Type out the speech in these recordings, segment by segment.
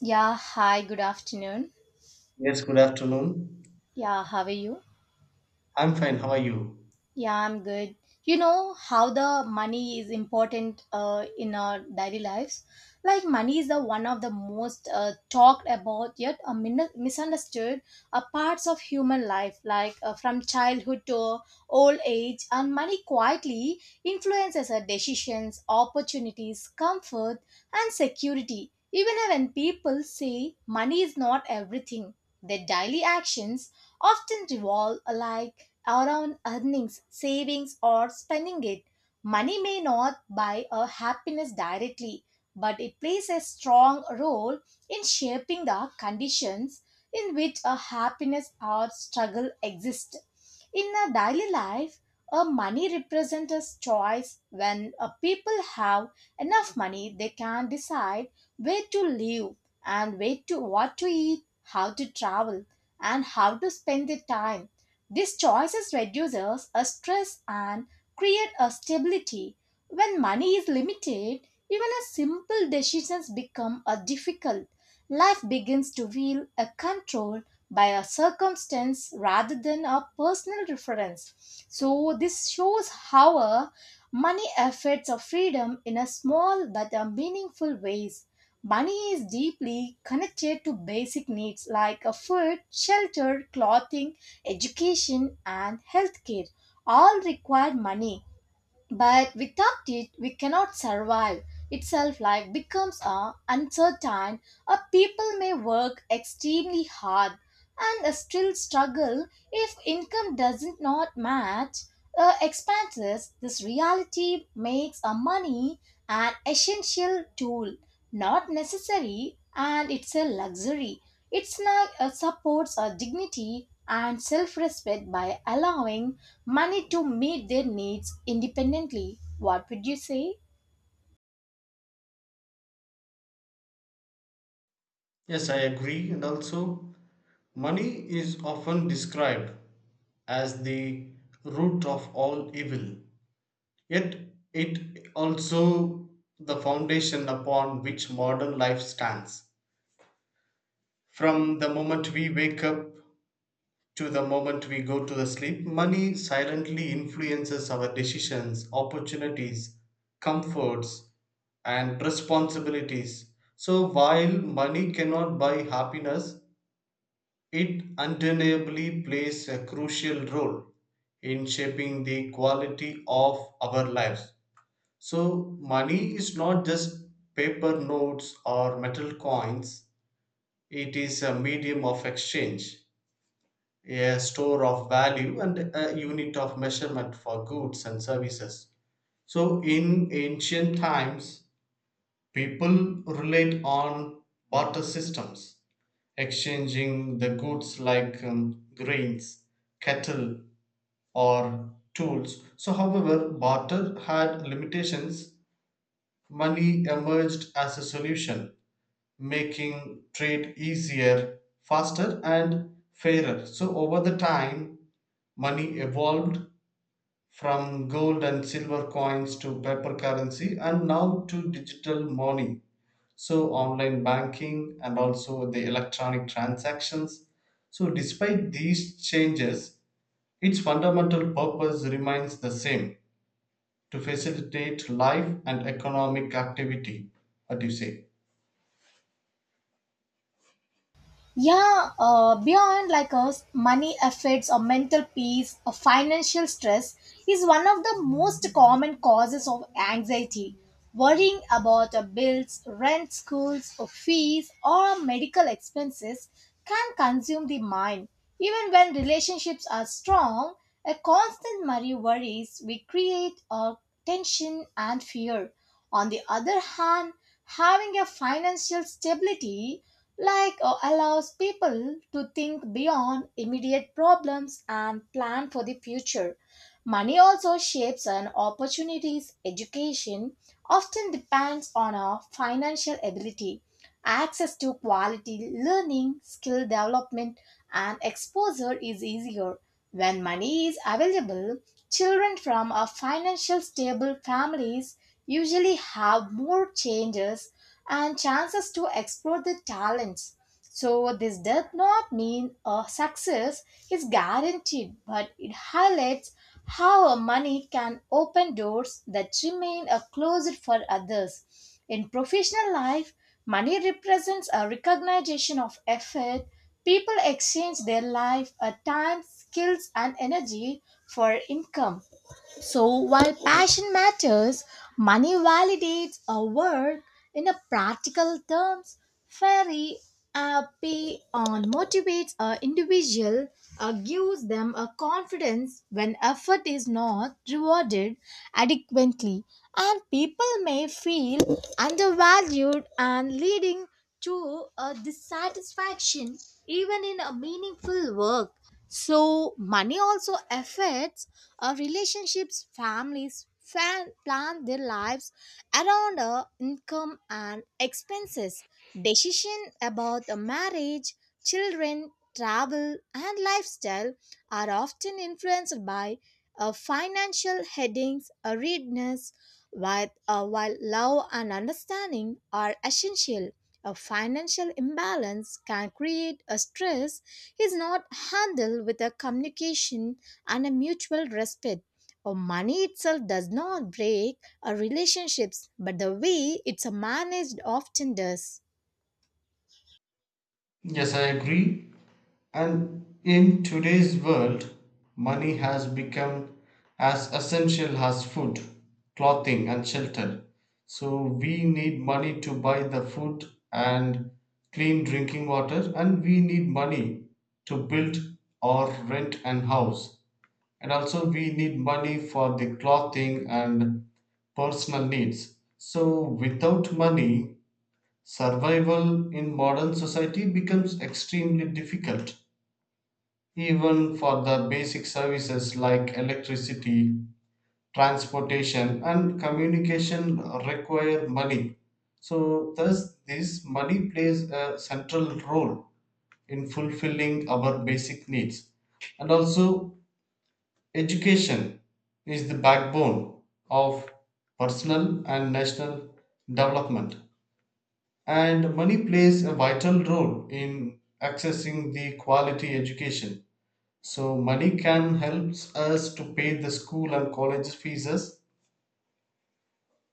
Yeah, hi, good afternoon. Yes, good afternoon. Yeah, how are you? I'm fine. How are you? Yeah, I'm good. You know how the money is important in our daily lives. Like money is the one of the most talked about yet a misunderstood parts of human life. From childhood to old age, and money quietly influences our decisions, opportunities, comfort, and security. Even when people say money is not everything, their daily actions often revolve alike around earnings, savings, or spending it. Money may not buy a happiness directly, but it plays a strong role in shaping the conditions in which a happiness or struggle exist. In a daily life, a money represents a choice. When a people have enough money, they can decide where to live and where to what to eat, how to travel and how to spend their time. These choices reduces a stress and create a stability. When money is limited, even a simple decisions become a difficult. Life begins to feel a control by a circumstance rather than a personal reference. So this shows how a money affects our freedom in a small but a meaningful ways. Money is deeply connected to basic needs like a food, shelter, clothing, education and healthcare all require money, but without it we cannot survive itself. Life becomes uncertain, or people may work extremely hard and still struggle if income doesn't not match expenses. This reality makes a money an essential tool, not necessary and it's a luxury. It's not, supports our dignity and self-respect by allowing money to meet their needs independently. What would you say? Yes, I agree. And also, money is often described as the root of all evil. Yet, it also the foundation upon which modern life stands. From the moment we wake up to the moment we go to the sleep, money silently influences our decisions, opportunities, comforts, and responsibilities. So, while money cannot buy happiness, it undeniably plays a crucial role in shaping the quality of our lives. So, money is not just paper notes or metal coins, it is a medium of exchange, a store of value, and a unit of measurement for goods and services. So, in ancient times, people relied on barter systems, exchanging the goods like grains, cattle, or tools. So, however, barter had limitations. Money emerged as a solution making trade easier, faster, and fairer. So, over the time, money evolved from gold and silver coins to paper currency and now to digital money. So, online banking and also the electronic transactions. So, despite these changes, its fundamental purpose remains the same, to facilitate life and economic activity. What do you say? Yeah, beyond like us, money affects our mental peace, or financial stress is one of the most common causes of anxiety. Worrying about our bills, rent, schools, or fees, or medical expenses can consume the mind. Even when relationships are strong, a constant worry worries we create a tension and fear. On the other hand, having a financial stability, allows people to think beyond immediate problems and plan for the future. Money also shapes an opportunities. Education often depends on our financial ability. Access to quality learning, skill development, and exposure is easier. When money is available, children from a financial stable families usually have more changes and chances to explore their talents. So, this does not mean a success is guaranteed, but it highlights how a money can open doors that remain a closed for others. In professional life, money represents a recognition of effort. People exchange their life, time, skills, and energy for income. So while passion matters, money validates a work in a practical terms. Very happy on motivates a individual or gives them a confidence. When effort is not rewarded adequately, and people may feel undervalued and leading to a dissatisfaction even in a meaningful work. So money also affects our relationships. Families plan their lives around income and expenses. Decision about a marriage, children, travel, and lifestyle are often influenced by financial readiness, while love and understanding are essential. A financial imbalance can create a stress is not handled with a communication and a mutual respect. Or money itself does not break a relationships, but the way it's managed often does. Yes, I agree. And in today's world, money has become as essential as food, clothing, and shelter. So we need money to buy the food and clean drinking water, and we need money to build or rent an house. And also, we need money for the clothing and personal needs. So, without money, survival in modern society becomes extremely difficult, even for the basic services like electricity, transportation, and communication require money. So, thus, this money plays a central role in fulfilling our basic needs. And also, education is the backbone of personal and national development. And money plays a vital role in accessing the quality education. So, money can help us to pay the school and college fees,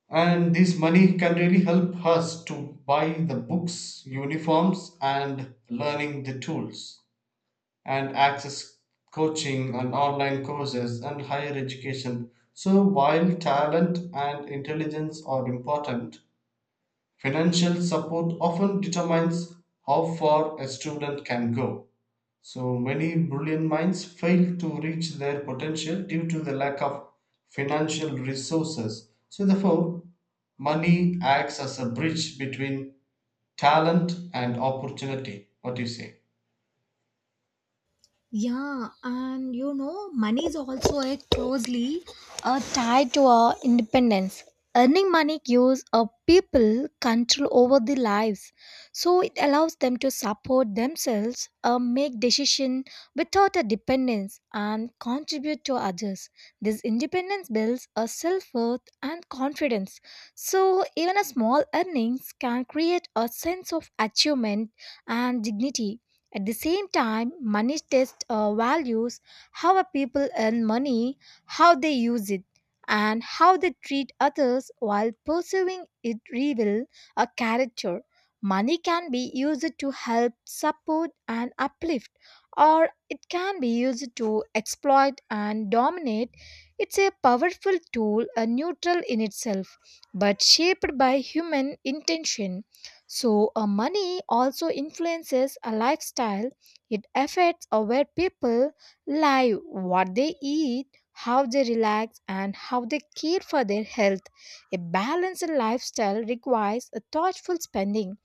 and this money can really help us to buy the books, uniforms, and learning the tools, and access coaching and online courses and higher education. So, while talent and intelligence are important, financial support often determines how far a student can go. So many brilliant minds fail to reach their potential due to the lack of financial resources. So, therefore, money acts as a bridge between talent and opportunity. What do you say? Yeah, and you know, money is also a closely tied to our independence. Earning money gives a people control over their lives, so it allows them to support themselves, make decision without a dependence, and contribute to others. This independence builds a self worth and confidence. So even a small earnings can create a sense of achievement and dignity. At the same time, money tests values, how a people earn money, how they use it, and how they treat others while pursuing it reveal a character. Money can be used to help, support, and uplift, or it can be used to exploit and dominate. It's a powerful tool, a neutral in itself, but shaped by human intention. So, money also influences a lifestyle. It affects where people live, what they eat, how they relax, and how they care for their health. A balanced lifestyle requires a thoughtful spending.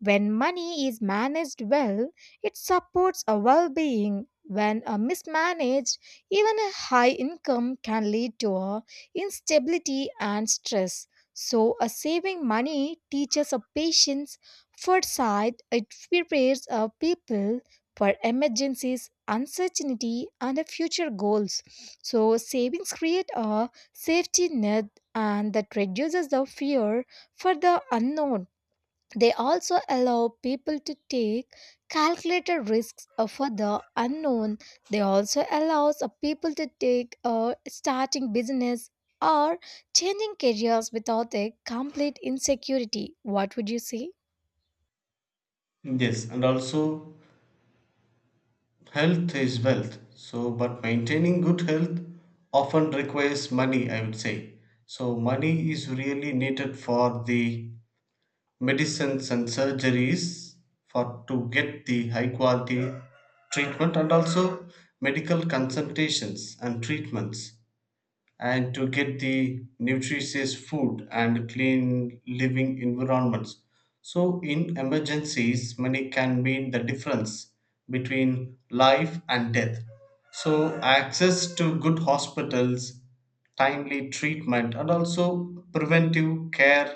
When money is managed well, it supports a well being. When a mismanaged, even a high income can lead to a instability and stress. So, a saving money teaches a patience, foresight. It prepares a people for emergencies, uncertainty, and a future goals. So, savings create a safety net and that reduces the fear for the unknown. They also allow people to take calculated risks for the unknown. They also allows people to take starting business or changing careers without a complete insecurity. What would you say? Yes, and also health is wealth. So, but maintaining good health often requires money, I would say. So, money is really needed for the medicines and surgeries for to get the high quality treatment and also medical consultations and treatments and to get the nutritious food and clean living environments, so in emergencies money can mean the difference between life and death, so access to good hospitals, timely treatment, and also preventive care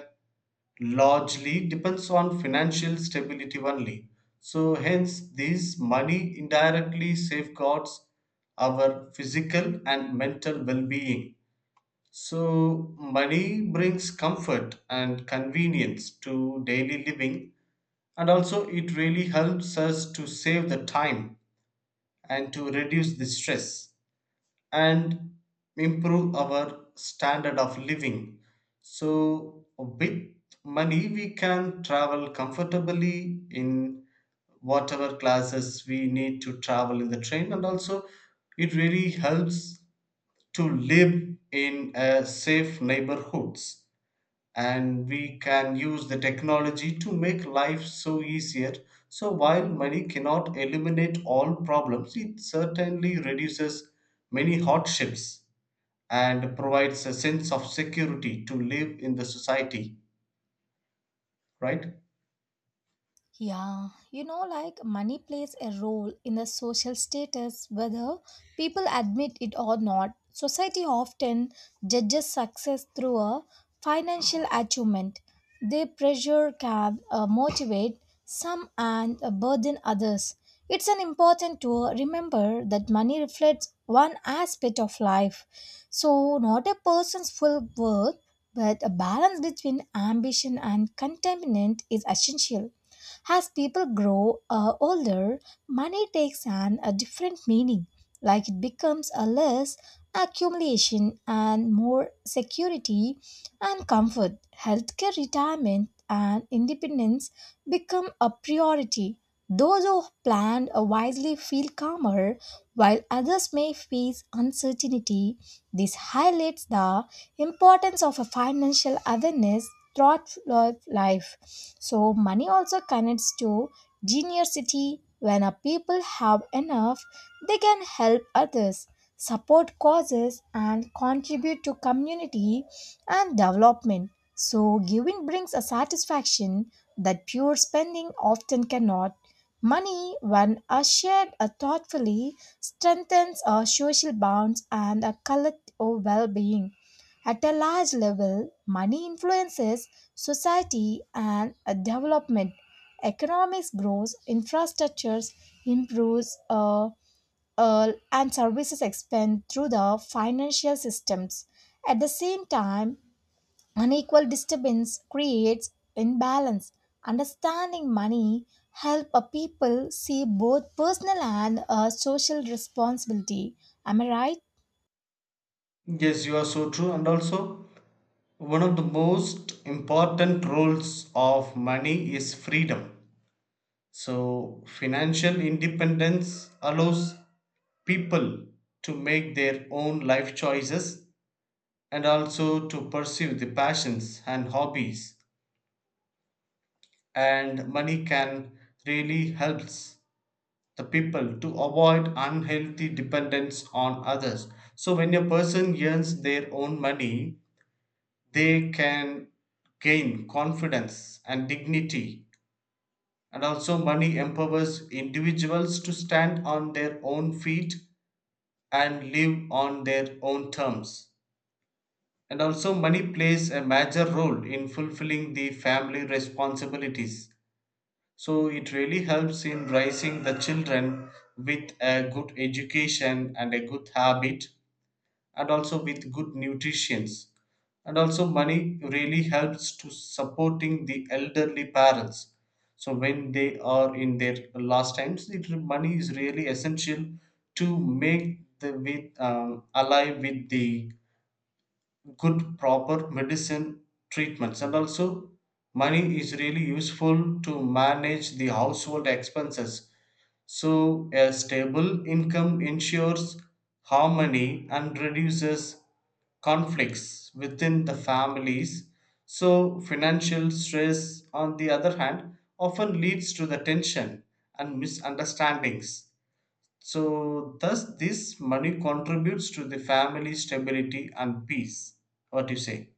largely depends on financial stability only. So, hence, this money indirectly safeguards our physical and mental well being. So, money brings comfort and convenience to daily living, and also it really helps us to save the time and to reduce the stress and improve our standard of living. So, with money, we can travel comfortably in whatever classes we need to travel in the train, and also it really helps to live in safe neighborhoods and we can use the technology to make life so easier. So, while money cannot eliminate all problems, it certainly reduces many hardships and provides a sense of security to live in the society, right? Yeah, you know, like money plays a role in the social status, whether people admit it or not. Society often judges success through a financial achievement. They pressure, can motivate some and burden others. It's an important to remember that money reflects one aspect of life. So, not a person's full worth, but a balance between ambition and contentment is essential. As people grow older, money takes on a different meaning, like it becomes a less accumulation and more security and comfort. Healthcare, retirement, and independence become a priority. Those who plan wisely feel calmer, while others may face uncertainty. This highlights the importance of a financial awareness throughout life. So, money also connects to generosity. When a people have enough, they can help others, support causes, and contribute to community and development. So, giving brings a satisfaction that pure spending often cannot. Money, when are shared thoughtfully, strengthens our social bonds and our collective well being. At a large level, money influences society and development. Economics grows, infrastructures improves, and services expand through the financial systems. At the same time, unequal disturbance creates imbalance. Understanding money help a people see both personal and social responsibility. Am I right? Yes, you are so true. And also, one of the most important roles of money is freedom. So, financial independence allows people to make their own life choices and also to pursue the passions and hobbies. And money can really helps the people to avoid unhealthy dependence on others. So, when a person earns their own money, they can gain confidence and dignity. And also, money empowers individuals to stand on their own feet and live on their own terms. And also, money plays a major role in fulfilling the family responsibilities. So, it really helps in raising the children with a good education and a good habit and also with good nutritions, and also money really helps to supporting the elderly parents, so when they are in their last times it, money is really essential to make the with alive with the good proper medicine treatments, and also money is really useful to manage the household expenses, so a stable income ensures harmony and reduces conflicts within the families. So, financial stress, on the other hand, often leads to the tension and misunderstandings. So, thus, this money contributes to the family stability and peace. What do you say?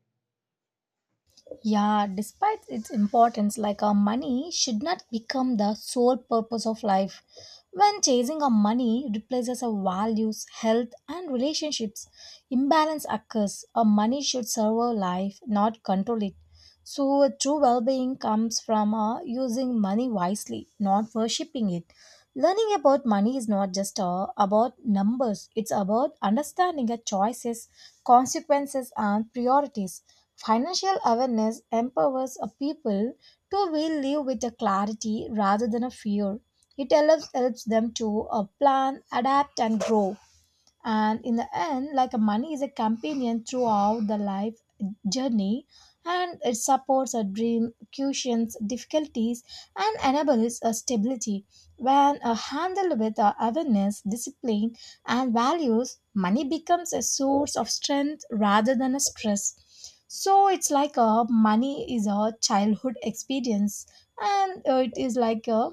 Yeah, despite its importance, like our money should not become the sole purpose of life. When chasing our money replaces our values, health, and relationships, imbalance occurs. Our money should serve our life, not control it. So, a true well being comes from using money wisely, not worshipping it. Learning about money is not just about numbers, it's about understanding our choices, consequences, and priorities. Financial awareness empowers a people to will live with a clarity rather than a fear. It helps them to plan, adapt, and grow. And in the end, like money is a companion throughout the life journey, and it supports a dream cushions difficulties and enables a stability when handled with awareness discipline and values. Money becomes a source of strength rather than a stress. So it's like a money is a childhood experience, and it is like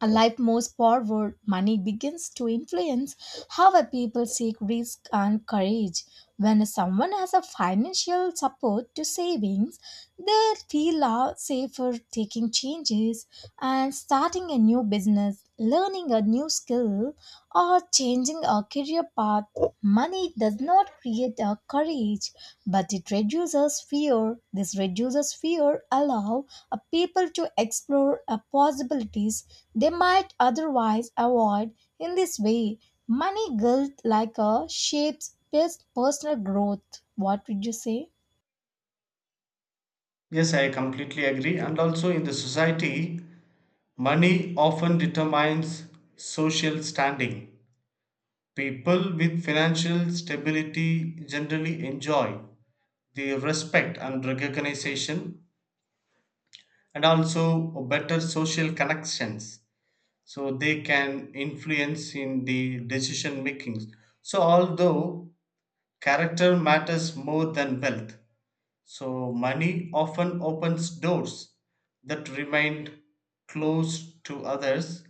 a life moves forward, money begins to influence how a people seek risk and courage. When someone has a financial support to savings, they feel a safer taking changes and starting a new business, learning a new skill, or changing a career path. Money does not create a courage, but it reduces fear. This reduces fear allow a people to explore a possibilities they might otherwise avoid. In this way, money guilt like a shapes personal growth. What would you say? Yes, I completely agree. And also, in the society, money often determines social standing. People with financial stability generally enjoy the respect and recognition and also better social connections, so they can influence in the decision makings. So although character matters more than wealth, so money often opens doors that remain closed to others.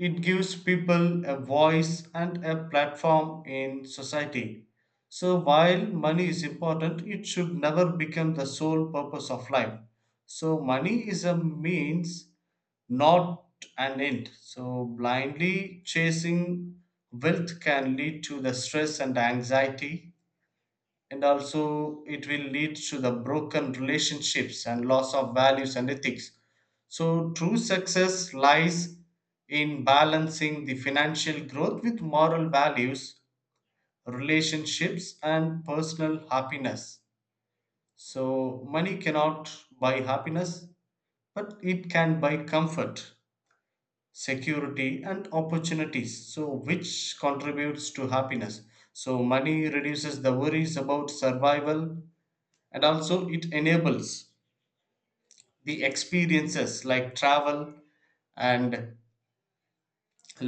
It gives people a voice and a platform in society. So, while money is important, it should never become the sole purpose of life. So, money is a means, not an end. So, blindly chasing wealth can lead to the stress and anxiety, and also it will lead to the broken relationships and loss of values and ethics. So true success lies in balancing the financial growth with moral values, relationships, and personal happiness. So money cannot buy happiness, but it can buy comfort, security, and opportunities, so which contributes to happiness. So money reduces the worries about survival, and also it enables the experiences like travel and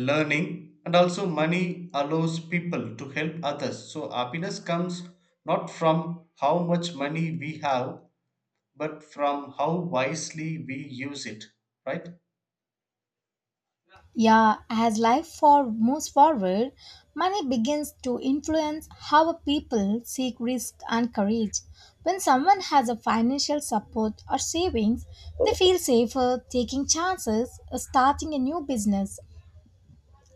learning, and also money allows people to help others. So happiness comes not from how much money we have but from how wisely we use it, right? Yeah, as life for moves forward, money begins to influence how people seek risk and courage. When someone has a financial support or savings, they feel safer taking chances or starting a new business.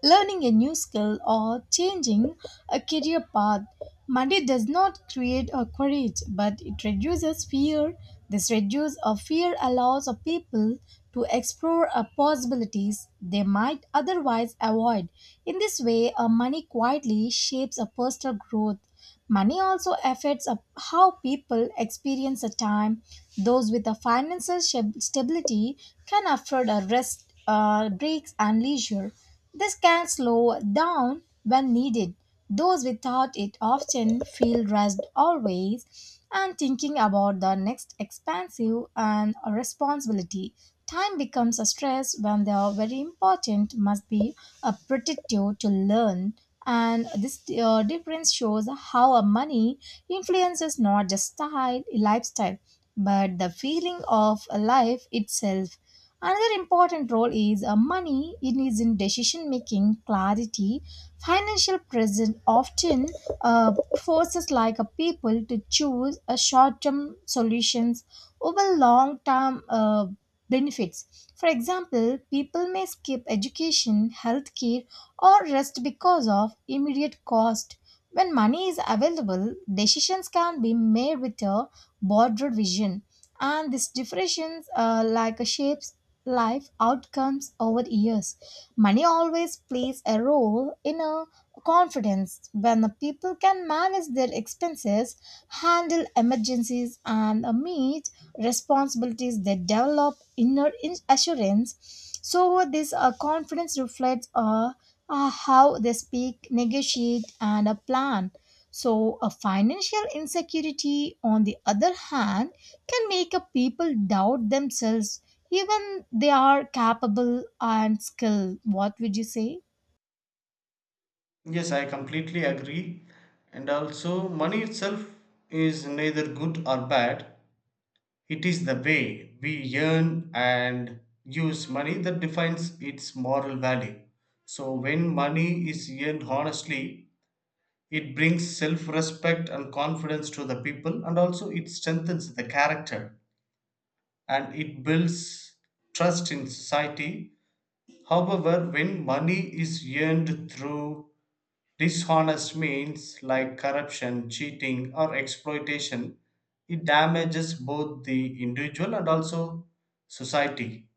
Learning a new skill or changing a career path. Money does not create a courage, but it reduces fear. This reduce of fear allows a people to explore a possibilities they might otherwise avoid. In this way, a money quietly shapes a personal growth. Money also affects how people experience a time. Those with a financial stability can afford a rest, breaks, and leisure. This can slow down when needed. Those without it often feel rushed always and thinking about the next expansive and responsibility. Time becomes a stress when they are very important, must be a protective to learn. And this difference shows how a money influences not just style, lifestyle, but the feeling of life itself. Another important role is money in is in decision making clarity. Financial presence often uh, forces like a people to choose a short term solutions over long term benefits. For example, people may skip education, healthcare, or rest because of immediate cost. When money is available, decisions can be made with a broader vision, and these differentiations like shapes life outcomes over years. Money always plays a role in a confidence when the people can manage their expenses, handle emergencies, and meet responsibilities. They develop inner assurance. So this confidence reflects a how they speak, negotiate, and plan. So, a financial insecurity, on the other hand, can make a people doubt themselves, even they are capable and skilled. What would you say? Yes, I completely agree. And also, money itself is neither good or bad. It is the way we earn and use money that defines its moral value. So, when money is earned honestly, it brings self respect and confidence to the people, and also it strengthens the character and it builds trust in society. However, when money is earned through dishonest means like corruption, cheating, or exploitation, it damages both the individual and also society.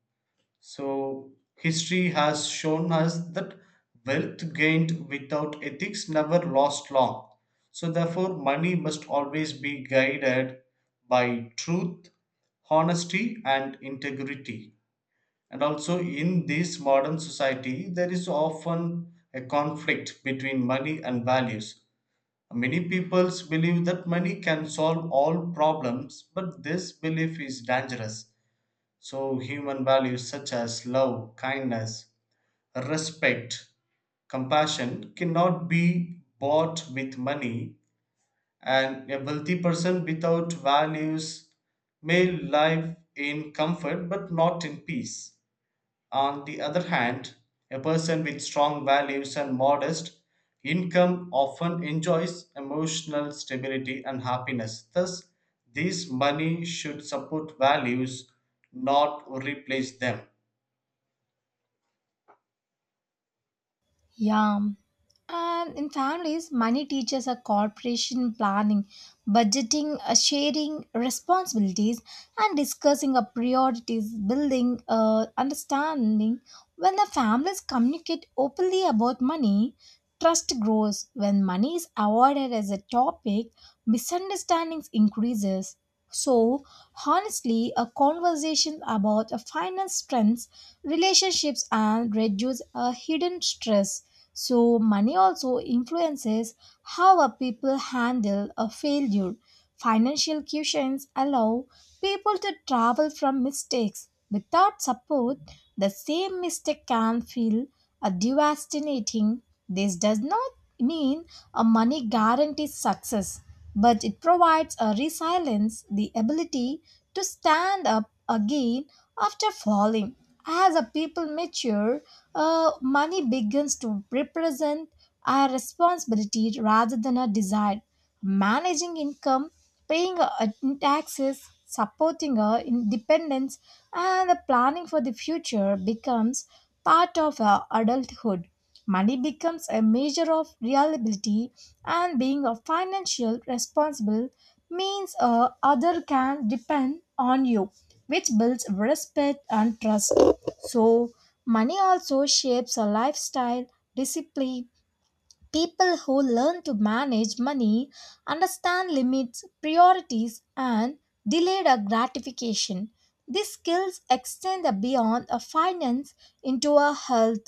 So, history has shown us that wealth gained without ethics never lasts long. So, therefore, money must always be guided by truth, honesty, and integrity. And also, in this modern society, there is often a conflict between money and values. Many peoples believe that money can solve all problems, but this belief is dangerous. So, human values such as love, kindness, respect, compassion cannot be bought with money, and a wealthy person without values may live in comfort but not in peace. On the other hand, a person with strong values and modest income often enjoys emotional stability and happiness. Thus, this money should support values, not replace them. Yeah. And in families, money teaches a corporation planning, budgeting, sharing responsibilities, and discussing a priorities, building understanding. When the families communicate openly about money, trust grows. When money is avoided as a topic, misunderstandings increases. So, honestly, a conversation about finance strengths, relationships, and reduce a hidden stress. So, money also influences how a people handle a failure. Financial cushions allow people to travel from mistakes. Without support, the same mistake can feel a devastating. This does not mean a money guarantees success, but it provides a resilience, the ability to stand up again after falling. As a people mature, money begins to represent a responsibility rather than a desire managing income, paying in taxes, supporting our independence, and the planning for the future becomes part of our adulthood. Money becomes a measure of reliability, and being a financial responsible means a other can depend on you, which builds respect and trust. So, money also shapes a lifestyle, discipline. People who learn to manage money understand limits, priorities, and delayed gratification. These skills extend beyond a finance into a health,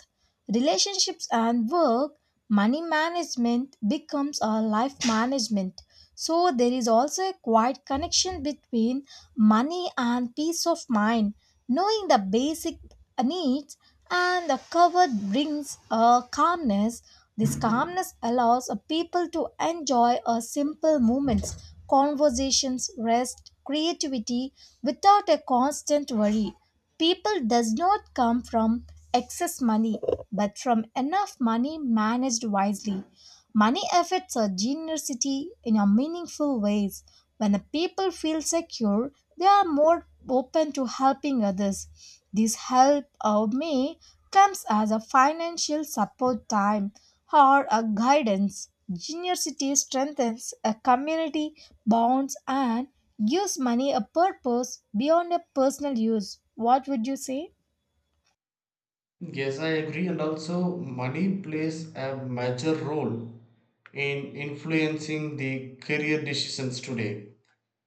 relationships, and work. Money management becomes a life management. So, there is also a quiet connection between money and peace of mind. Knowing the basic needs and the covered brings a calmness. This calmness allows a people to enjoy a simple moments, conversations, rest, creativity without a constant worry. People does not come from excess money, but from enough money managed wisely. Money affects our generosity in a meaningful ways. When the people feel secure, they are more open to helping others. This help of me comes as a financial support time or a guidance. Junior City strengthens a community bonds and gives money a purpose beyond a personal use. What would you say? Yes, I agree. And also, money plays a major role in influencing the career decisions today.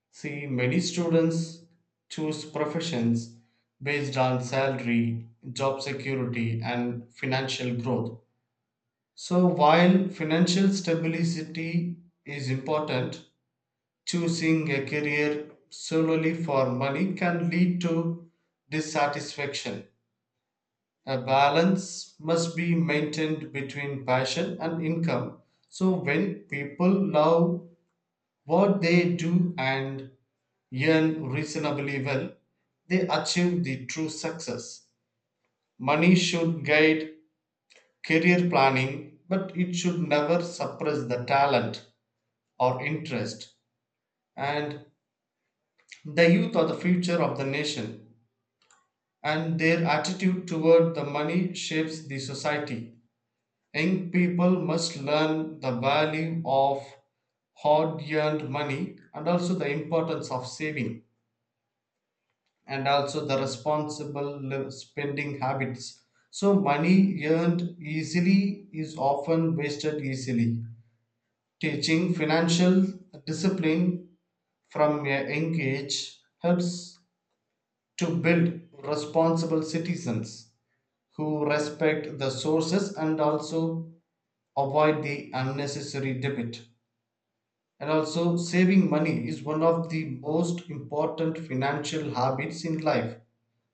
See, many students choose professions based on salary, job security, and financial growth. So, while financial stability is important, choosing a career solely for money can lead to dissatisfaction. A balance must be maintained between passion and income. So, when people love what they do and earn reasonably well, they achieve the true success. Money should guide career planning, but it should never suppress the talent or interest. And the youth are the future of the nation, and their attitude toward the money shapes the society. Young people must learn the value of hard earned money and also the importance of saving, and also the spending habits. So, money earned easily is often wasted easily. Teaching financial discipline from a young age helps to build responsible citizens who respect the sources and also avoid the unnecessary debit. And also, saving money is one of the most important financial habits in life.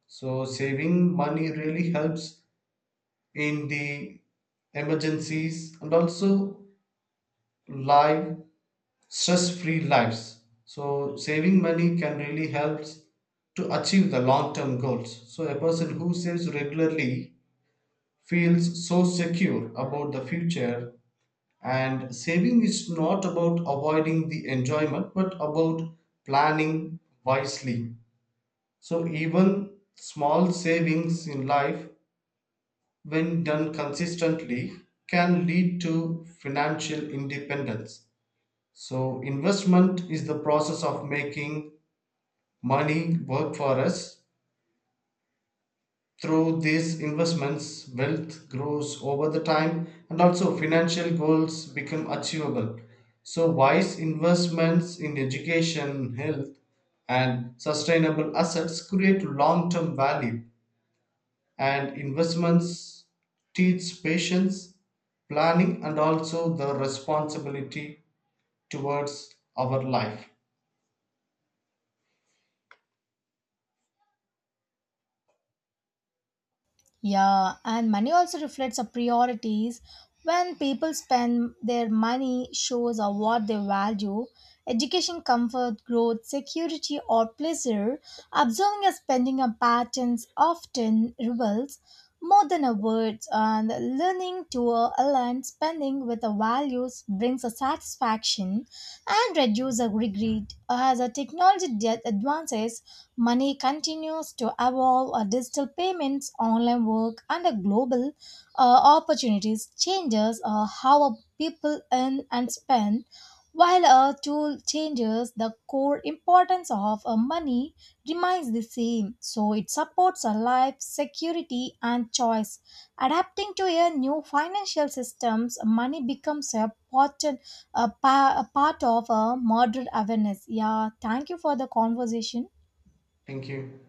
So saving money really helps in the emergencies and also live stress-free lives. So saving money can really help to achieve the long-term goals. So a person who saves regularly feels so secure about the future, and saving is not about avoiding the enjoyment but about planning wisely. So even small savings in life, when done consistently, can lead to financial independence. So, investment is the process of making money work for us. Through these investments, wealth grows over the time and also financial goals become achievable. So, wise investments in education, health, and sustainable assets create long term value, and investments teach patience, planning, and also the responsibility towards our life. Yeah, and money also reflects our priorities. When people spend their money, shows are what they value. Education, comfort, growth, security, or pleasure. Observing and spending on patterns often reveals more than a words, and learning to align spending with the values brings a satisfaction and reduces a regret. As a technology advances, money continues to evolve. Digital payments, online work, and global opportunities changes how people earn and spend. While a tool changes the core importance of money remains the same. So it supports a life, security, and choice. Adapting to a new financial systems, money becomes a part, a part of a modern awareness. Yeah, thank you for the conversation. Thank you.